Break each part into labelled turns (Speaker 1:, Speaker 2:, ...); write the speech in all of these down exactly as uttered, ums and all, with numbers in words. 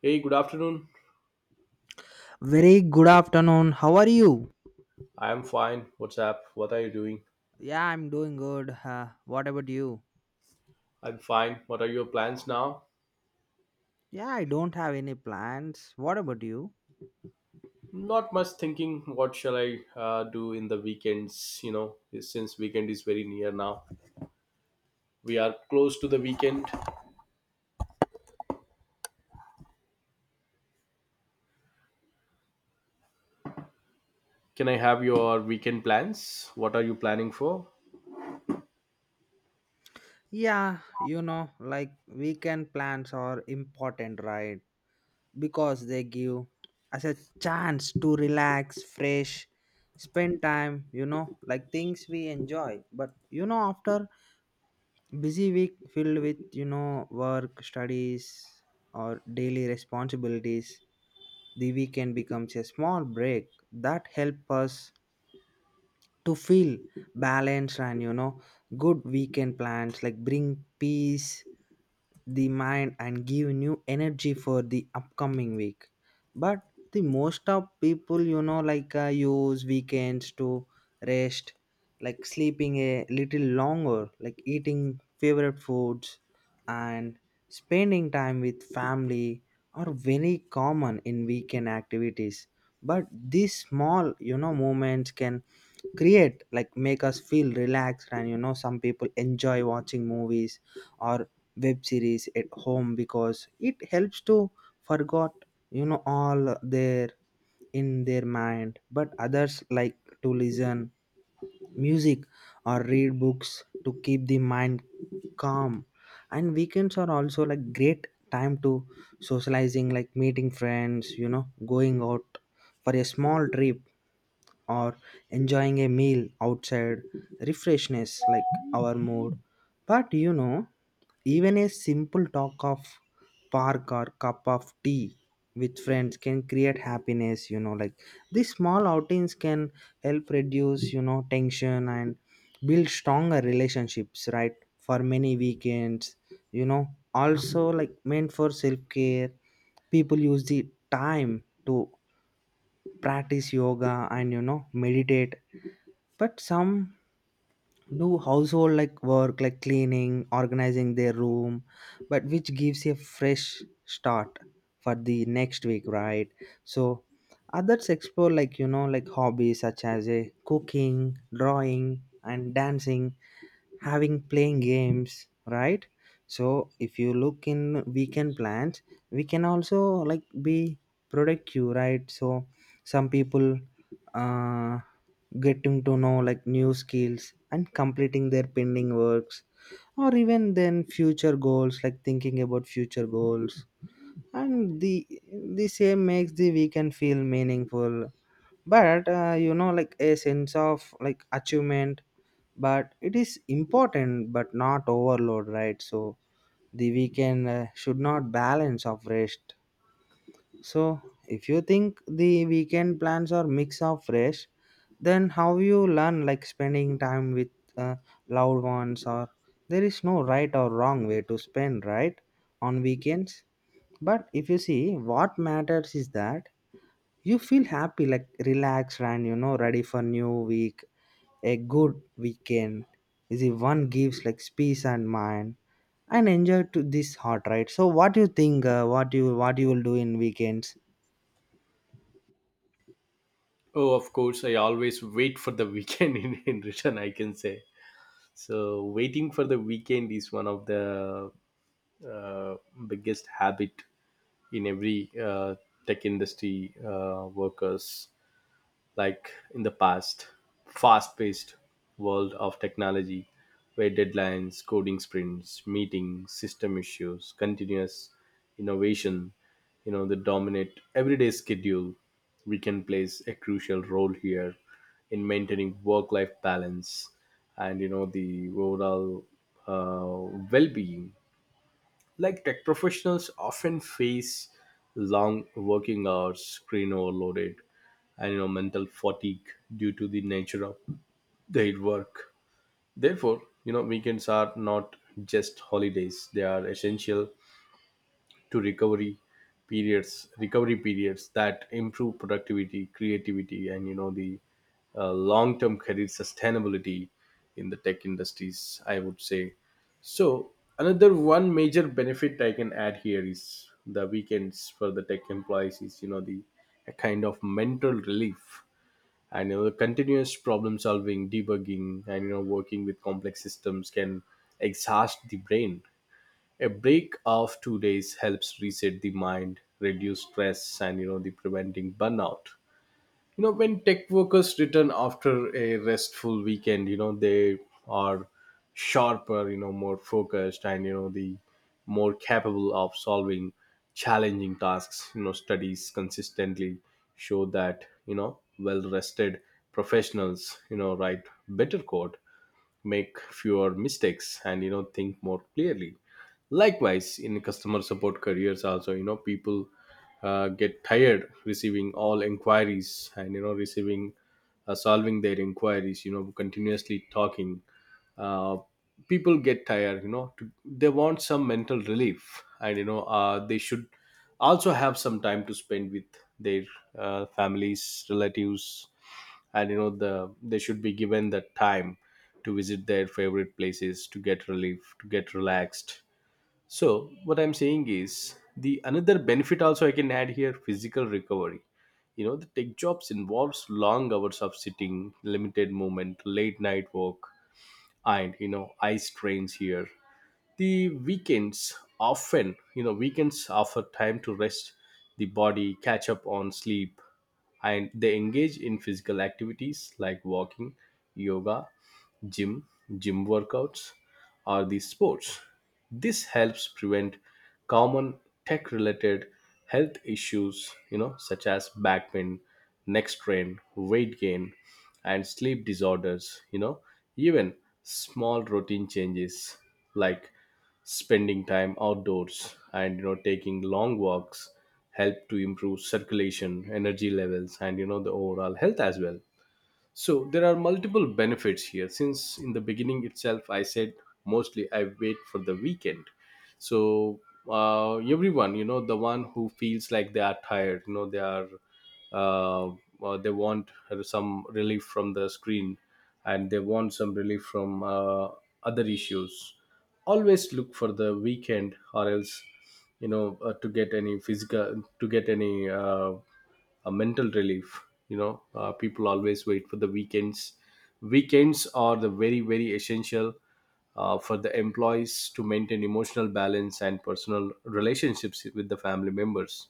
Speaker 1: Hey, good afternoon.
Speaker 2: Very good afternoon. How are you?
Speaker 1: I am fine. What's up? What are you doing?
Speaker 2: Yeah, I'm doing good. Uh, what about you?
Speaker 1: I'm fine. What are your plans now?
Speaker 2: Yeah, I don't have any plans. What about you?
Speaker 1: Not much thinking. What shall I uh, do in the weekends? You know, since weekend is very near now, we are close to the weekend. Can I have your weekend plans? What are you planning for?
Speaker 2: Yeah, you know, like weekend plans are important, right? Because they give us a chance to relax, fresh, spend time, you know, like things we enjoy. But you know, after busy week filled with, you know, work, studies, or daily responsibilities, the weekend becomes a small break that help us to feel balanced, and you know good weekend plans like bring peace the mind and give new energy for the upcoming week. But the most of people, you know like uh, use weekends to rest, like sleeping a little longer, like eating favorite foods, and spending time with family are very common in weekend activities. But these small, you know moments can create like make us feel relaxed, and you know some people enjoy watching movies or web series at home because it helps to forgot, you know all their in their mind. But others like to listen music or read books to keep the mind calm. And weekends are also like great time to socializing, like meeting friends, you know, going out for a small trip, or enjoying a meal outside. Refreshness like our mood. But you know, even a simple talk of park or cup of tea with friends can create happiness, you know like these small outings can help reduce, you know tension and build stronger relationships, right? For many weekends, you know, also like meant for self care. People use the time to practice yoga, and you know meditate. But some do household like work, like cleaning, organizing their room, but which gives a fresh start for the next week, right? So others explore, like you know like hobbies such as a cooking, drawing and dancing, having playing games, right? So if you look in weekend plans, we can also like be productive, right? So some people, uh getting to know like new skills and completing their pending works, or even then future goals, like thinking about future goals. And the the same makes the weekend feel meaningful. But uh, you know like a sense of like achievement, but it is important but not overload, right? So the weekend uh, should not balance of rest. So if you think the weekend plans are mix of rest, then how you learn like spending time with, uh, loved ones, or there is no right or wrong way to spend right on weekends. But if you see, what matters is that you feel happy, like relaxed, and you know ready for new week. A good weekend is the one gives like peace and mind and enjoy to this heart, right? So what do you think, uh, what you what you will do in weekends?
Speaker 1: Oh, of course, I always wait for the weekend in, in return, I can say. So, waiting for the weekend is one of the uh, biggest habit in every uh, tech industry uh, workers, like in the past fast-paced world of technology where deadlines, coding sprints, meetings, system issues, continuous innovation, you know the dominate everyday schedule. We can plays a crucial role here in maintaining work-life balance and you know the overall uh, well-being. Like tech professionals often face long working hours, screen overloaded, and you know mental fatigue due to the nature of their work. Therefore, you know weekends are not just holidays; they are essential to recovery periods recovery periods that improve productivity, creativity, and you know the uh, long term career sustainability in the tech industries, I would say. So another one major benefit I can add here is the weekends for the tech employees is you know the a kind of mental relief. And you know, continuous problem solving, debugging, and you know working with complex systems can exhaust the brain. A break of two days helps reset the mind, reduce stress, and you know the preventing burnout. you know when tech workers return after a restful weekend, you know they are sharper, you know more focused, and you know the more capable of solving challenging tasks. You know studies consistently show that you know well rested professionals you know write better code, make fewer mistakes, and you know think more clearly. Likewise, in customer support careers also, you know people uh, get tired receiving all inquiries, and you know receiving, uh, solving their inquiries, you know continuously talking, uh, people get tired, you know to, they want some mental relief. And you know uh, they should also have some time to spend with their uh, families, relatives. And you know the they should be given the time to visit their favorite places, to get relief, to get relaxed. So what I'm saying is, the another benefit also I can add here, physical recovery. You know the tech jobs involves long hours of sitting, limited movement, late night work, and you know eye strains. Here, the weekends often, you know weekends offer time to rest the body, catch up on sleep, and they engage in physical activities like walking, yoga, gym gym workouts, or the sports. This helps prevent common tech related health issues, you know such as back pain, neck strain, weight gain, and sleep disorders. You know even small routine changes like spending time outdoors and you know taking long walks help to improve circulation, energy levels, and you know the overall health as well. So there are multiple benefits here. Since in the beginning itself I said, mostly I wait for the weekend. So uh, everyone, you know the one who feels like they are tired, you know they are uh, uh, they want some relief from the screen, and they want some relief from uh, other issues, always look for the weekend. Or else, you know uh, to get any physical, to get any uh, a mental relief, you know uh, people always wait for the weekends. Weekends are the very very essential, uh, for the employees to maintain emotional balance and personal relationships with the family members.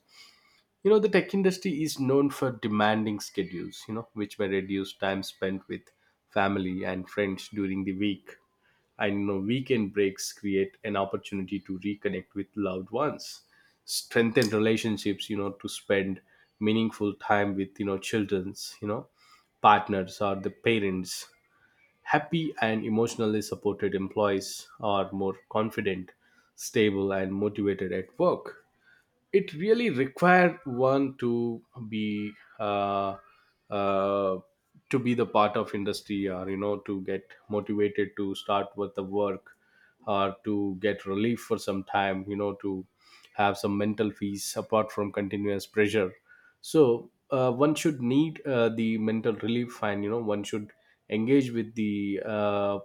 Speaker 1: You know, the tech industry is known for demanding schedules, you know, which may reduce time spent with family and friends during the week. And you know, weekend breaks create an opportunity to reconnect with loved ones, strengthen relationships, you know, to spend meaningful time with, you know, children's, you know, partners or the parents. Happy and emotionally supported employees are more confident, stable, and motivated at work. It really required one to be uh, uh, to be the part of industry, or you know to get motivated to start with the work, or to get relief for some time, you know to have some mental peace apart from continuous pressure. So uh, one should need uh, the mental relief. And you know one should engage with the uh,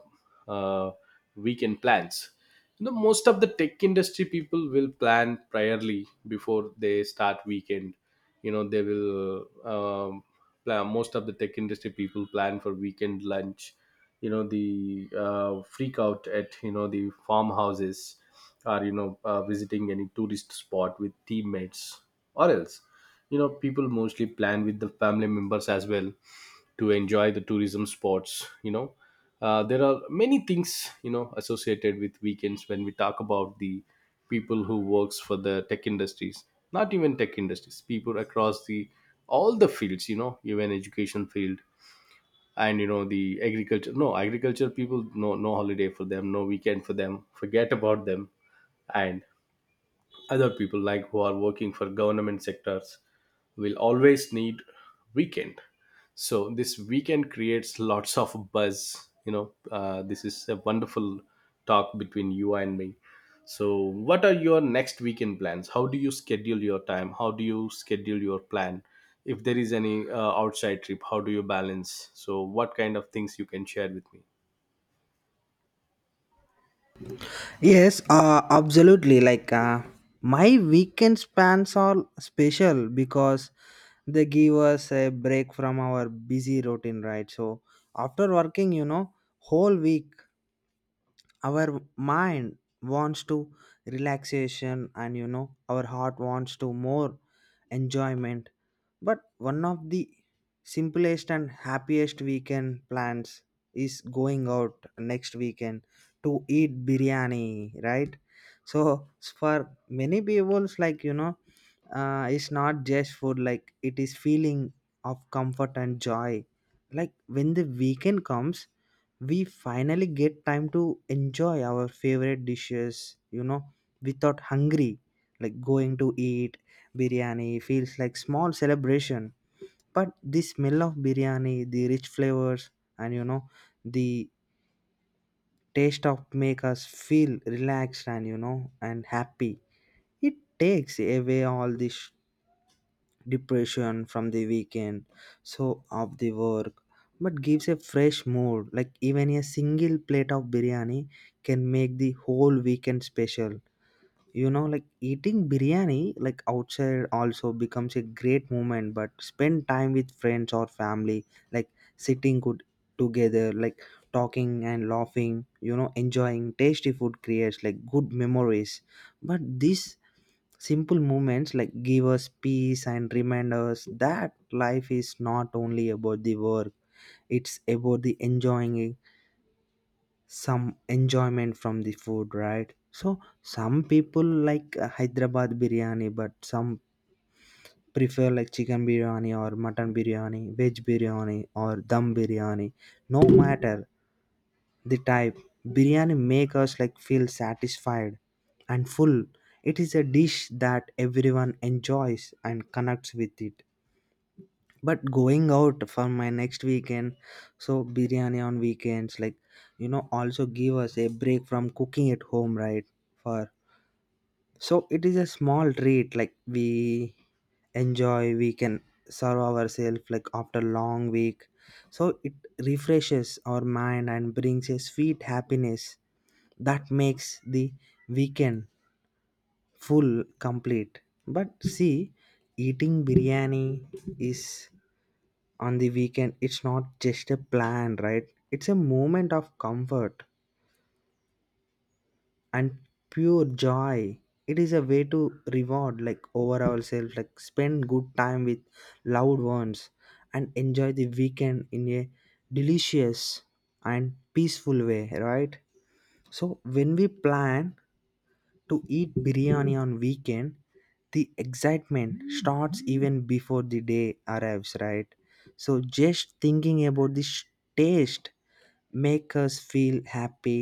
Speaker 1: uh, weekend plans. you know most of the tech industry people will plan priorly before they start weekend. you know they will um, plan, most of the tech industry people plan for weekend lunch, you know the uh, freak out at you know the farmhouses, or you know uh, visiting any tourist spot with teammates, or else, you know people mostly plan with the family members as well, to enjoy the tourism spots. You know uh, there are many things, you know associated with weekends, when we talk about the people who works for the tech industries. Not even tech industries, people across the all the fields, you know even education field, and you know the agriculture. No, agriculture people, no, no holiday for them, no weekend for them, forget about them. And other people, like who are working for government sectors, will always need weekend. So this weekend creates lots of buzz. You know uh, this is a wonderful talk between you and me. So what are your next weekend plans? How do you schedule your time? How do you schedule your plan? If there is any uh, outside trip, how do you balance? So what kind of things you can share with me?
Speaker 2: Yes, uh, absolutely like uh, my weekend spans are special because they give us a break from our busy routine, right? So after working, you know, whole week, our mind wants to relaxation, and you know our heart wants to more enjoyment. But one of the simplest and happiest weekend plans is going out next weekend to eat biryani, right? So for many people, it's like, you know, uh, it's not just food; like it is feeling of comfort and joy. Like when the weekend comes, we finally get time to enjoy our favorite dishes. You know, without hungry, like going to eat biryani feels like small celebration, but the smell of biryani, the rich flavors, and you know the taste of make us feel relaxed and, you know, and happy. It takes away all this depression from the weekend so of the work, but gives a fresh mood. Like even a single plate of biryani can make the whole weekend special. You know, like eating biryani like outside also becomes a great moment but spend time with friends or family, like sitting good together, like talking and laughing, you know, enjoying tasty food creates like good memories. But these simple moments like give us peace and remind us that life is not only about the work, it's about the enjoying some enjoyment from the food, right? So some people like uh, hyderabad biryani, but some prefer like chicken biryani or mutton biryani, veg biryani or dum biryani. No matter the type, biryani make us like feel satisfied and full. It is a dish that everyone enjoys and connects with it. But going out for my next weekend, so biryani on weekends like, you know, also give us a break from cooking at home, right? For so it is a small treat like we enjoy, we can serve ourselves like after long week. So it refreshes our mind and brings a sweet happiness that makes the weekend full complete. But see, eating biryani is on the weekend, it's not just a plan, right? It's a moment of comfort and pure joy. It is a way to reward like over ourselves, like spend good time with loved ones and enjoy the weekend in a delicious and peaceful way, right? So when we plan to eat biryani on weekend, the excitement starts even before the day arrives, right? So just thinking about this taste make us feel happy.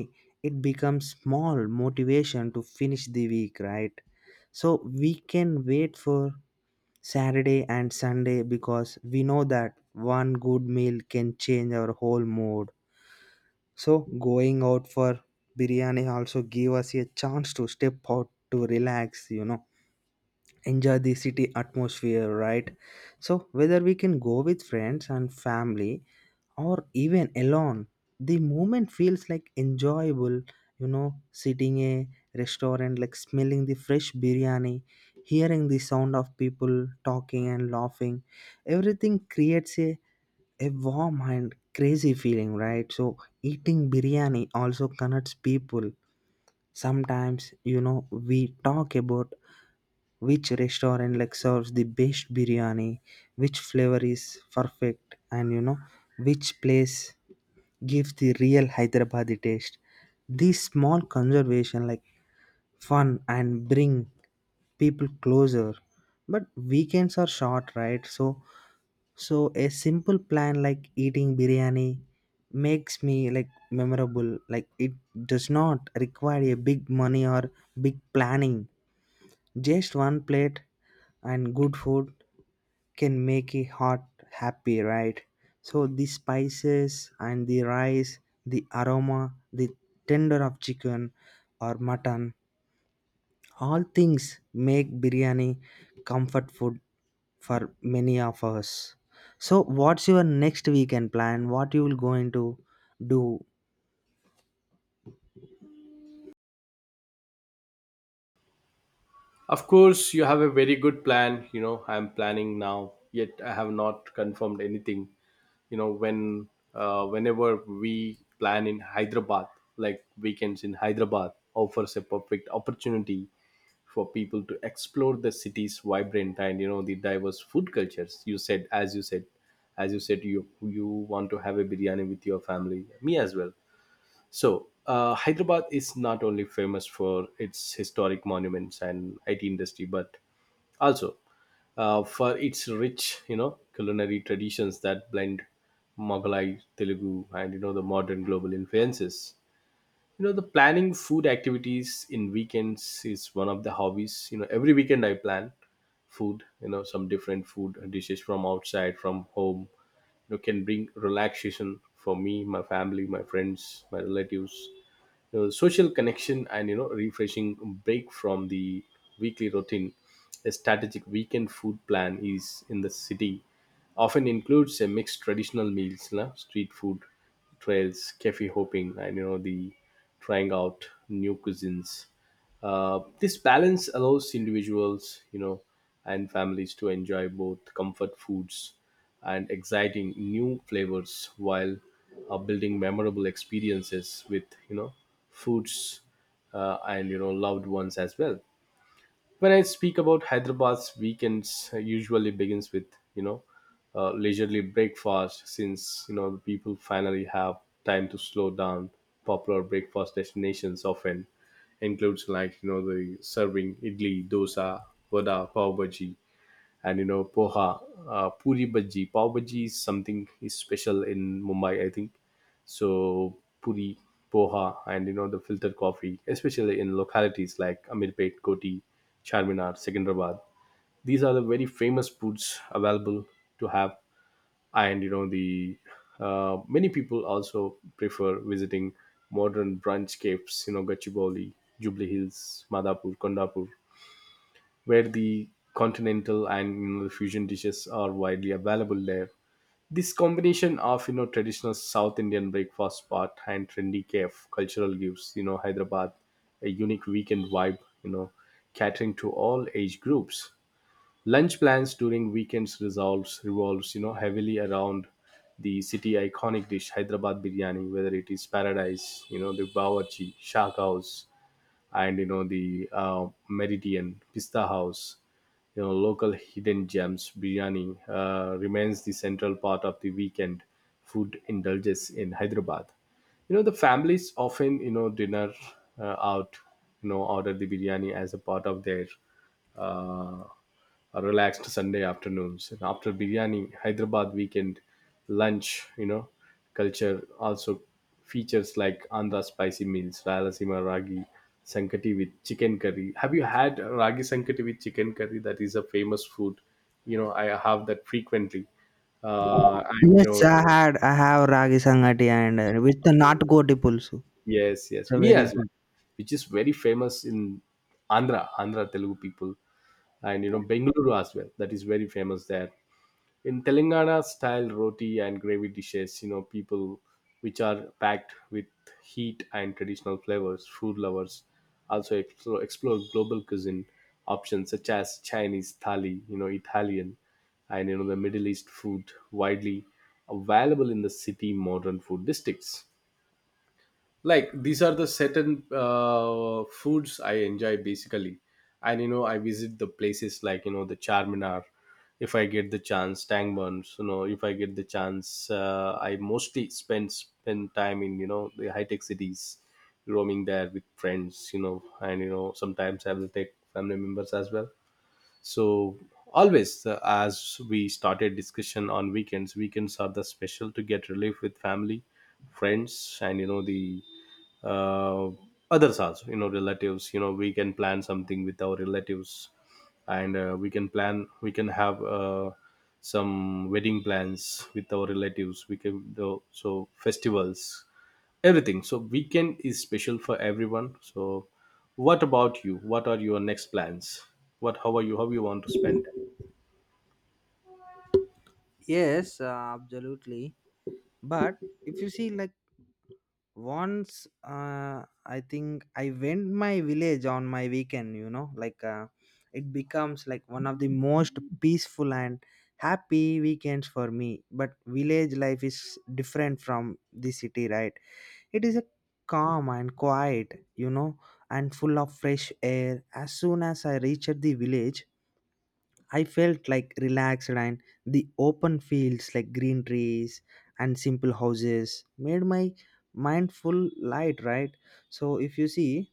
Speaker 2: It becomes small motivation to finish the week, right? So we can wait for saturday and sunday because we know that one good meal can change our whole mood. So going out for biryani also give us a chance to step out to relax, you know, enjoy the city atmosphere, right? So whether we can go with friends and family or even alone, the moment feels like enjoyable. You know, sitting a restaurant, like smelling the fresh biryani, hearing the sound of people talking and laughing, everything creates a a warm and crazy feeling, right? So eating biryani also connects people. Sometimes, you know, we talk about which restaurant like serves the best biryani, which flavor is perfect, and you know which place gives the real hyderabadi taste. These small conservation like fun and bring people closer. But weekends are short, right? So so a simple plan like eating biryani makes me like memorable. Like it does not require a big money or big planning. Just one plate and good food can make a heart happy, right? So the spices and the rice, the aroma, the tender of chicken or mutton, all things make biryani comfort food for many of us. So what's your next weekend plan? What you will going to do?
Speaker 1: Of course you have a very good plan. you know I'm planning now, yet I have not confirmed anything. you know when uh, whenever we plan in Hyderabad, like weekends in Hyderabad offers a perfect opportunity for people to explore the city's vibrant and you know the diverse food cultures. You said as you said as you said you you want to have a biryani with your family. Me as well. So, uh, Hyderabad is not only famous for its historic monuments and I T industry, but also uh, for its rich, you know, culinary traditions that blend Mughalai, Telugu, and you know the modern global influences. You know, the planning food activities in weekends is one of the hobbies. You know, every weekend I plan food. You know, some different food dishes from outside, from home. You know, can bring relaxation for me, my family, my friends, my relatives, uh, social connection, and you know refreshing break from the weekly routine. A strategic weekend food plan is in the city, often includes a mixed traditional meals, la, street food trails, cafe hopping, and you know the trying out new cuisines. Uh, this balance allows individuals, you know, and families to enjoy both comfort foods and exciting new flavors while, uh, building memorable experiences with, you know, foods, uh, and you know loved ones as well. When I speak about Hyderabad's weekends, uh, usually begins with you know uh, leisurely breakfast, since you know the people finally have time to slow down. Popular breakfast destinations often includes like, you know the serving idli, dosa, vada, pav bhaji, and you know poha, uh, puri bhaji. Pav bhaji is something is special in Mumbai, I think. So puri, poha, and you know the filtered coffee, especially in localities like Amirpet, Koti, Charminar, Secunderabad. These are the very famous foods available to have, and you know the uh, many people also prefer visiting modern brunch cafes. you know, Gachibowli, Jubilee Hills, Madhapur, Kondapur, where the continental and, you know, the fusion dishes are widely available there. This combination of you know traditional South Indian breakfast spot and trendy cafe cultural gives you know Hyderabad a unique weekend vibe. You know, catering to all age groups. Lunch plans during weekends resolves revolves you know heavily around the city iconic dish Hyderabad biryani, whether it is Paradise, you know the Bawarchi, Shah House, and you know the uh, Meridian Pista House. You know local hidden gems biryani uh, remains the central part of the weekend food indulges in Hyderabad. You know the Families often you know dinner uh, out. You know order the biryani as a part of their uh, a relaxed Sunday afternoons. And after biryani, Hyderabad weekend lunch, you know, culture also features like Andhra spicy meals, Rayalaseema ragi sankati with chicken curry. Have you had ragi sankati with chicken curry? That is a famous food. You know, I have that frequently. Uh, and you
Speaker 2: Yes,
Speaker 1: know,
Speaker 2: I had I have ragi sangati, and uh, with the not goti pulsu.
Speaker 1: yes,
Speaker 2: It's
Speaker 1: yes,
Speaker 2: a
Speaker 1: me
Speaker 2: very
Speaker 1: as well,
Speaker 2: good.
Speaker 1: which is very famous in Andhra, Andhra Telugu people, and you know, Bengaluru as well. That is very famous there in Telangana style roti and gravy dishes, you know, people which are packed with heat and traditional flavors. Food lovers also explore, explore global cuisine options such as Chinese thali, you know, Italian, and you know the Middle East food widely available in the city modern food districts like these are the certain uh, foods I enjoy basically. And you know, I visit the places like you know the Charminar if I get the chance, Tangmans, you know, if I get the chance, uh, I mostly spend spend time in you know the high tech cities, roaming there with friends, you know, and you know sometimes I will take family members as well. So always, uh, as we started discussion on weekends, weekends are the special to get relief with family, friends, and you know the uh, others also, you know, relatives, you know, we can plan something with our relatives. And uh, we can plan, we can have uh, some wedding plans with our relatives, we can do, so festivals, everything. So weekend is special for everyone. So what about you, what are your next plans, what, how are you, how you want to spend?
Speaker 2: Yes, uh, absolutely. But if you see, like once, uh, I think I went my village on my weekend. You know, like uh, it becomes like one of the most peaceful and happy weekends for me. But village life is different from the city, right? It is a calm and quiet, you know, and full of fresh air. As soon as I reached the village, I felt like relaxed, and the open fields, like green trees and simple houses made my mind full light, right? So if you see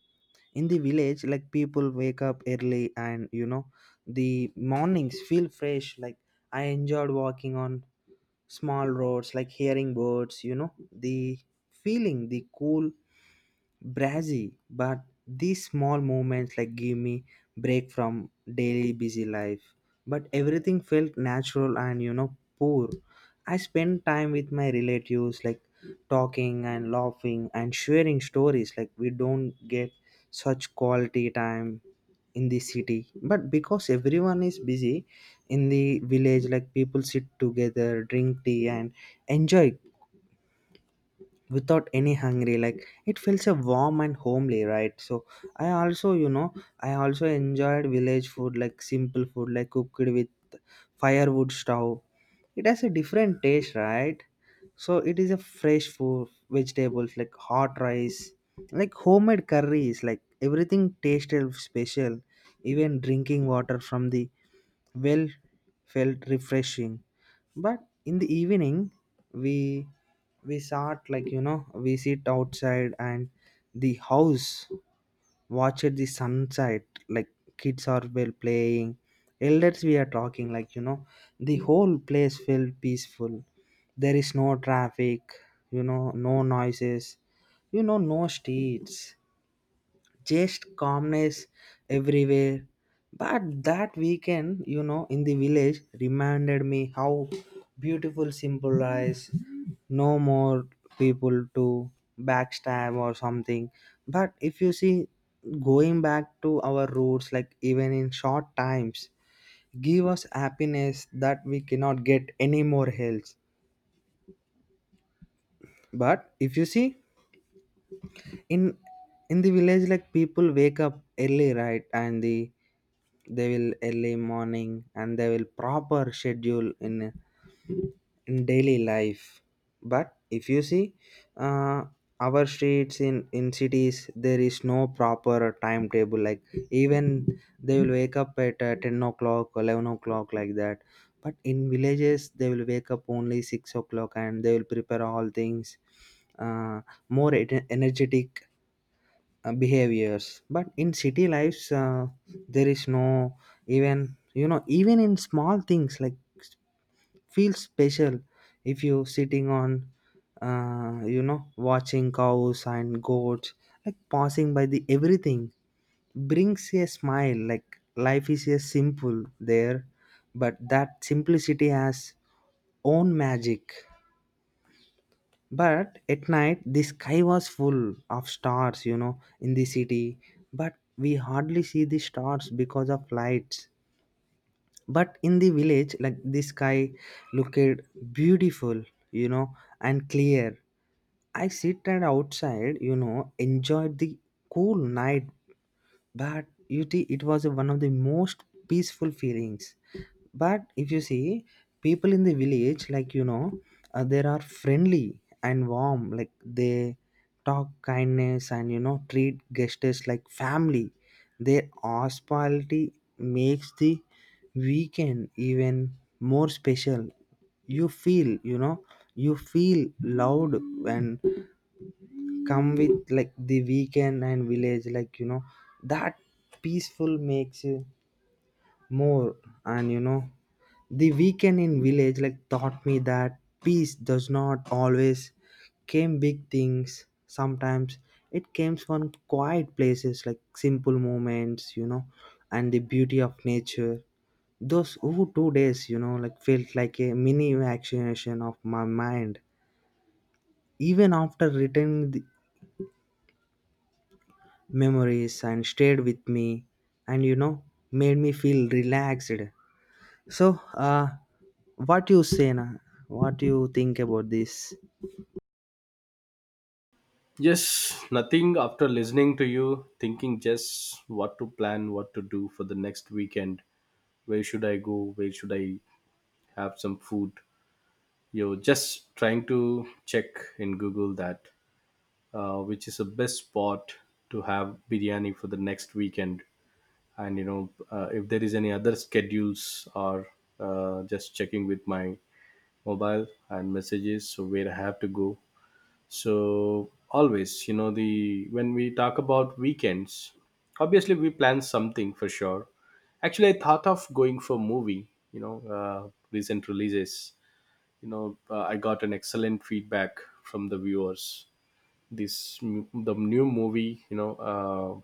Speaker 2: in the village, like people wake up early, and you know the mornings feel fresh. Like I enjoyed walking on small roads, like hearing birds, you know, the feeling the cool Brazzy, but these small moments like give me break from daily busy life. But everything felt natural and, you know, poor. I spent time with my relatives, like talking and laughing and sharing stories. Like we don't get such quality time in the city, but because everyone is busy. In the village, like people sit together, drink tea and enjoy without any hungry. Like it feels a warm and homely, right? So I also, you know, I also enjoyed village food, like simple food like cooked with firewood stove. It has a different taste, right? So it is a fresh food vegetables, like hot rice, like homemade curries, like everything tasted special. Even drinking water from the well felt refreshing. But in the evening, we we sat like, you know, we sit outside and the house watched the sunset. Like kids are well playing, elders we are talking. Like, you know, the whole place felt peaceful. There is no traffic, you know, no noises, you know, no streets, just calmness everywhere. But that weekend, you know, in the village reminded me how beautiful simple lives, no more people to backstab or something. But if you see, going back to our roots, like even in short times, give us happiness that we cannot get anymore else. But if you see, in in the village, like people wake up early, right? And the they will early morning, and they will proper schedule in in daily life. But if you see, uh, our streets in in cities, there is no proper timetable, like even they will wake up at uh, ten o'clock, eleven o'clock like that. But in villages they will wake up only six o'clock, and they will prepare all things, uh, more en- energetic uh, behaviors. But in city lives, uh, there is no, even you know, even in small things like s- feel special. If you sitting on, uh, you know, watching cows and goats, like passing by the everything brings a smile. Like life is a simple there, but that simplicity has own magic. But at night the sky was full of stars. You know, in the city, but we hardly see the stars because of lights. But in the village, like the sky looked beautiful, you know, and clear. I sit at outside, you know, enjoyed the cool night. But you see it was one of the most peaceful feelings. But if you see, people in the village, like, you know, uh, they are friendly and warm. Like they talk kindness, and you know treat guests like family. Their hospitality makes the weekend even more special. You feel, you know, you feel loved. When come with like the weekend and village, like, you know, that peaceful makes you more. And you know, the weekend in village like taught me that peace does not always came big things. Sometimes it came from quiet places, like simple moments, you know, and the beauty of nature. Those oh two days, you know, like felt like a mini vaccination of my mind. Even after returning memories and stayed with me, and, you know, made me feel relaxed. So uh what you say na, what you think about this?
Speaker 1: Yes, nothing, after listening to you thinking just what to plan, what to do for the next weekend, where should I go, where should I have some food. You're just trying to check in Google that uh, which is the best spot to have biryani for the next weekend. And you know uh, if there is any other schedules, or uh, just checking with my mobile and messages, so where I have to go. So always, you know, the when we talk about weekends, obviously we plan something for sure. Actually, I thought of going for movie, you know, uh, recent releases, you know, uh, I got an excellent feedback from the viewers. This m- the new movie, you know, uh,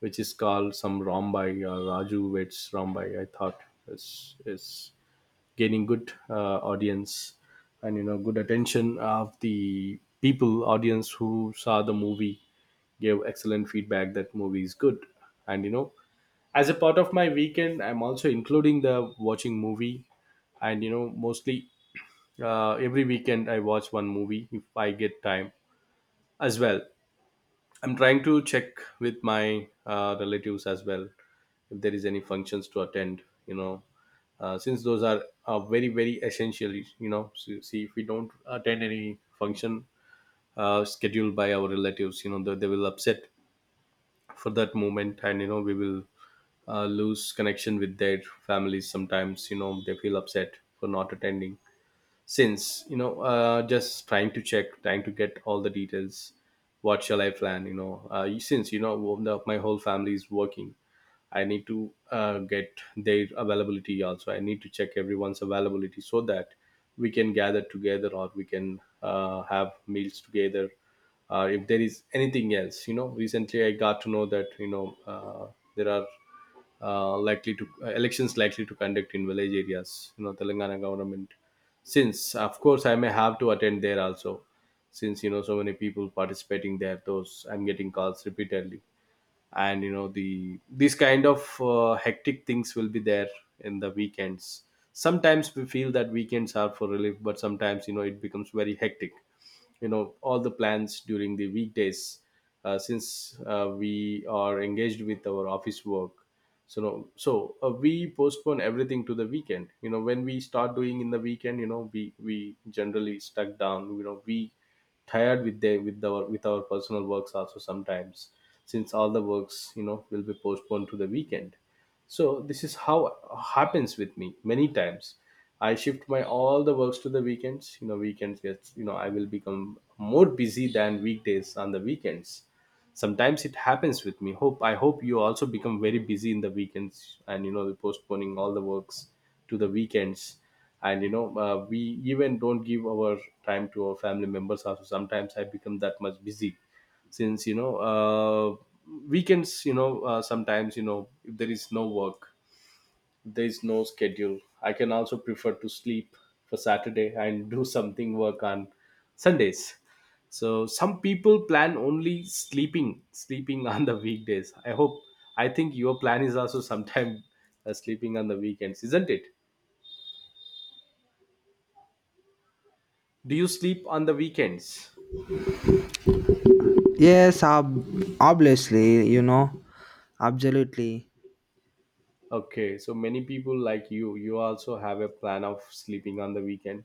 Speaker 1: which is called some Rambai, uh, Raju Vets Rambai, I thought is is gaining good uh, audience, and you know good attention of the people. Audience who saw the movie gave excellent feedback that movie is good. And you know, as a part of my weekend, I'm also including the watching movie. And you know mostly uh, every weekend I watch one movie if I get time as well. I'm trying to check with my uh, relatives as well if there is any functions to attend. You know, uh, since those are uh, very very essential. You know, so, see, if we don't attend any function uh, scheduled by our relatives, you know, they, they will upset for that moment, and you know we will uh, lose connection with their families. Sometimes you know they feel upset for not attending. Since you know uh, just trying to check, trying to get all the details, what shall I plan, you know, uh, since you know one of my whole family is working, I need to uh, get their availability also. I need to check everyone's availability so that we can gather together, or we can uh, have meals together. Uh, if there is anything else, you know, recently I got to know that you know uh, there are uh, likely to uh, elections likely to conduct in village areas. You know, Telangana government. Since of course I may have to attend there also, since you know so many people participating there. Those I'm getting calls repeatedly, and you know the these kind of uh, hectic things will be there in the weekends. Sometimes we feel that weekends are for relief, but sometimes you know it becomes very hectic, you know, all the plans during the weekdays uh, since uh, we are engaged with our office work, so no, so uh, we postpone everything to the weekend. You know, when we start doing in the weekend, you know, we we generally stuck down, you know, we tired with the with our with our personal works also sometimes, since all the works you know will be postponed to the weekend. So this is how happens with me many times. I shift my all the works to the weekends, you know, weekends gets, you know, I will become more busy than weekdays on the weekends. Sometimes it happens with me, hope, I hope you also become very busy in the weekends, and you know postponing all the works to the weekends. And you know uh, we even don't give our time to our family members also. Sometimes I become that much busy, since you know uh, weekends, you know, uh, sometimes you know if there is no work, if there is no schedule, I can also prefer to sleep for Saturday, and do something work on Sundays. So some people plan only sleeping, sleeping on the weekdays, I hope. I think your plan is also sometime, uh, sleeping on the weekends, isn't it? Do you sleep on the weekends?
Speaker 2: yes ob- Obviously, you know, absolutely.
Speaker 1: Okay, so many people like you, you also have a plan of sleeping on the weekend.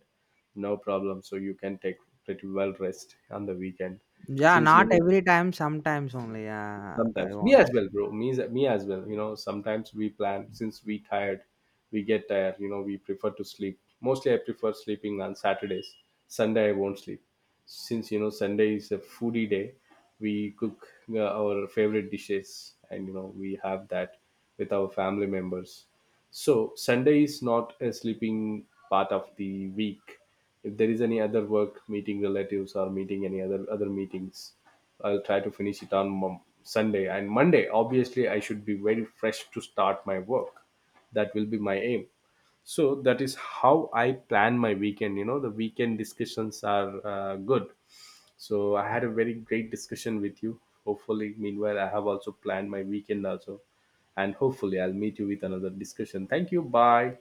Speaker 1: No problem. So you can take pretty well rest on the weekend.
Speaker 2: Yeah,
Speaker 1: Since you
Speaker 2: not
Speaker 1: know,
Speaker 2: every time, sometimes only, uh, I
Speaker 1: sometimes me as
Speaker 2: want
Speaker 1: well, bro. Me, as- me as well. You know, sometimes we plan since we tired, we get tired. You know, we prefer to sleep. Mostly, I prefer sleeping on Saturdays. Sunday, I won't sleep, since you know Sunday is a foodie day. We cook uh, our favorite dishes, and you know we have that with our family members. So Sunday is not a sleeping part of the week. If there is any other work, meeting relatives, or meeting any other other meetings, I'll try to finish it on Mon- sunday, and Monday obviously I should be very fresh to start my work. That will be my aim. So that is how I plan my weekend. You know, the weekend discussions are uh, good. So I had a very great discussion with you. Hopefully meanwhile I have also planned my weekend also. And hopefully I'll meet you with another discussion. Thank you, bye.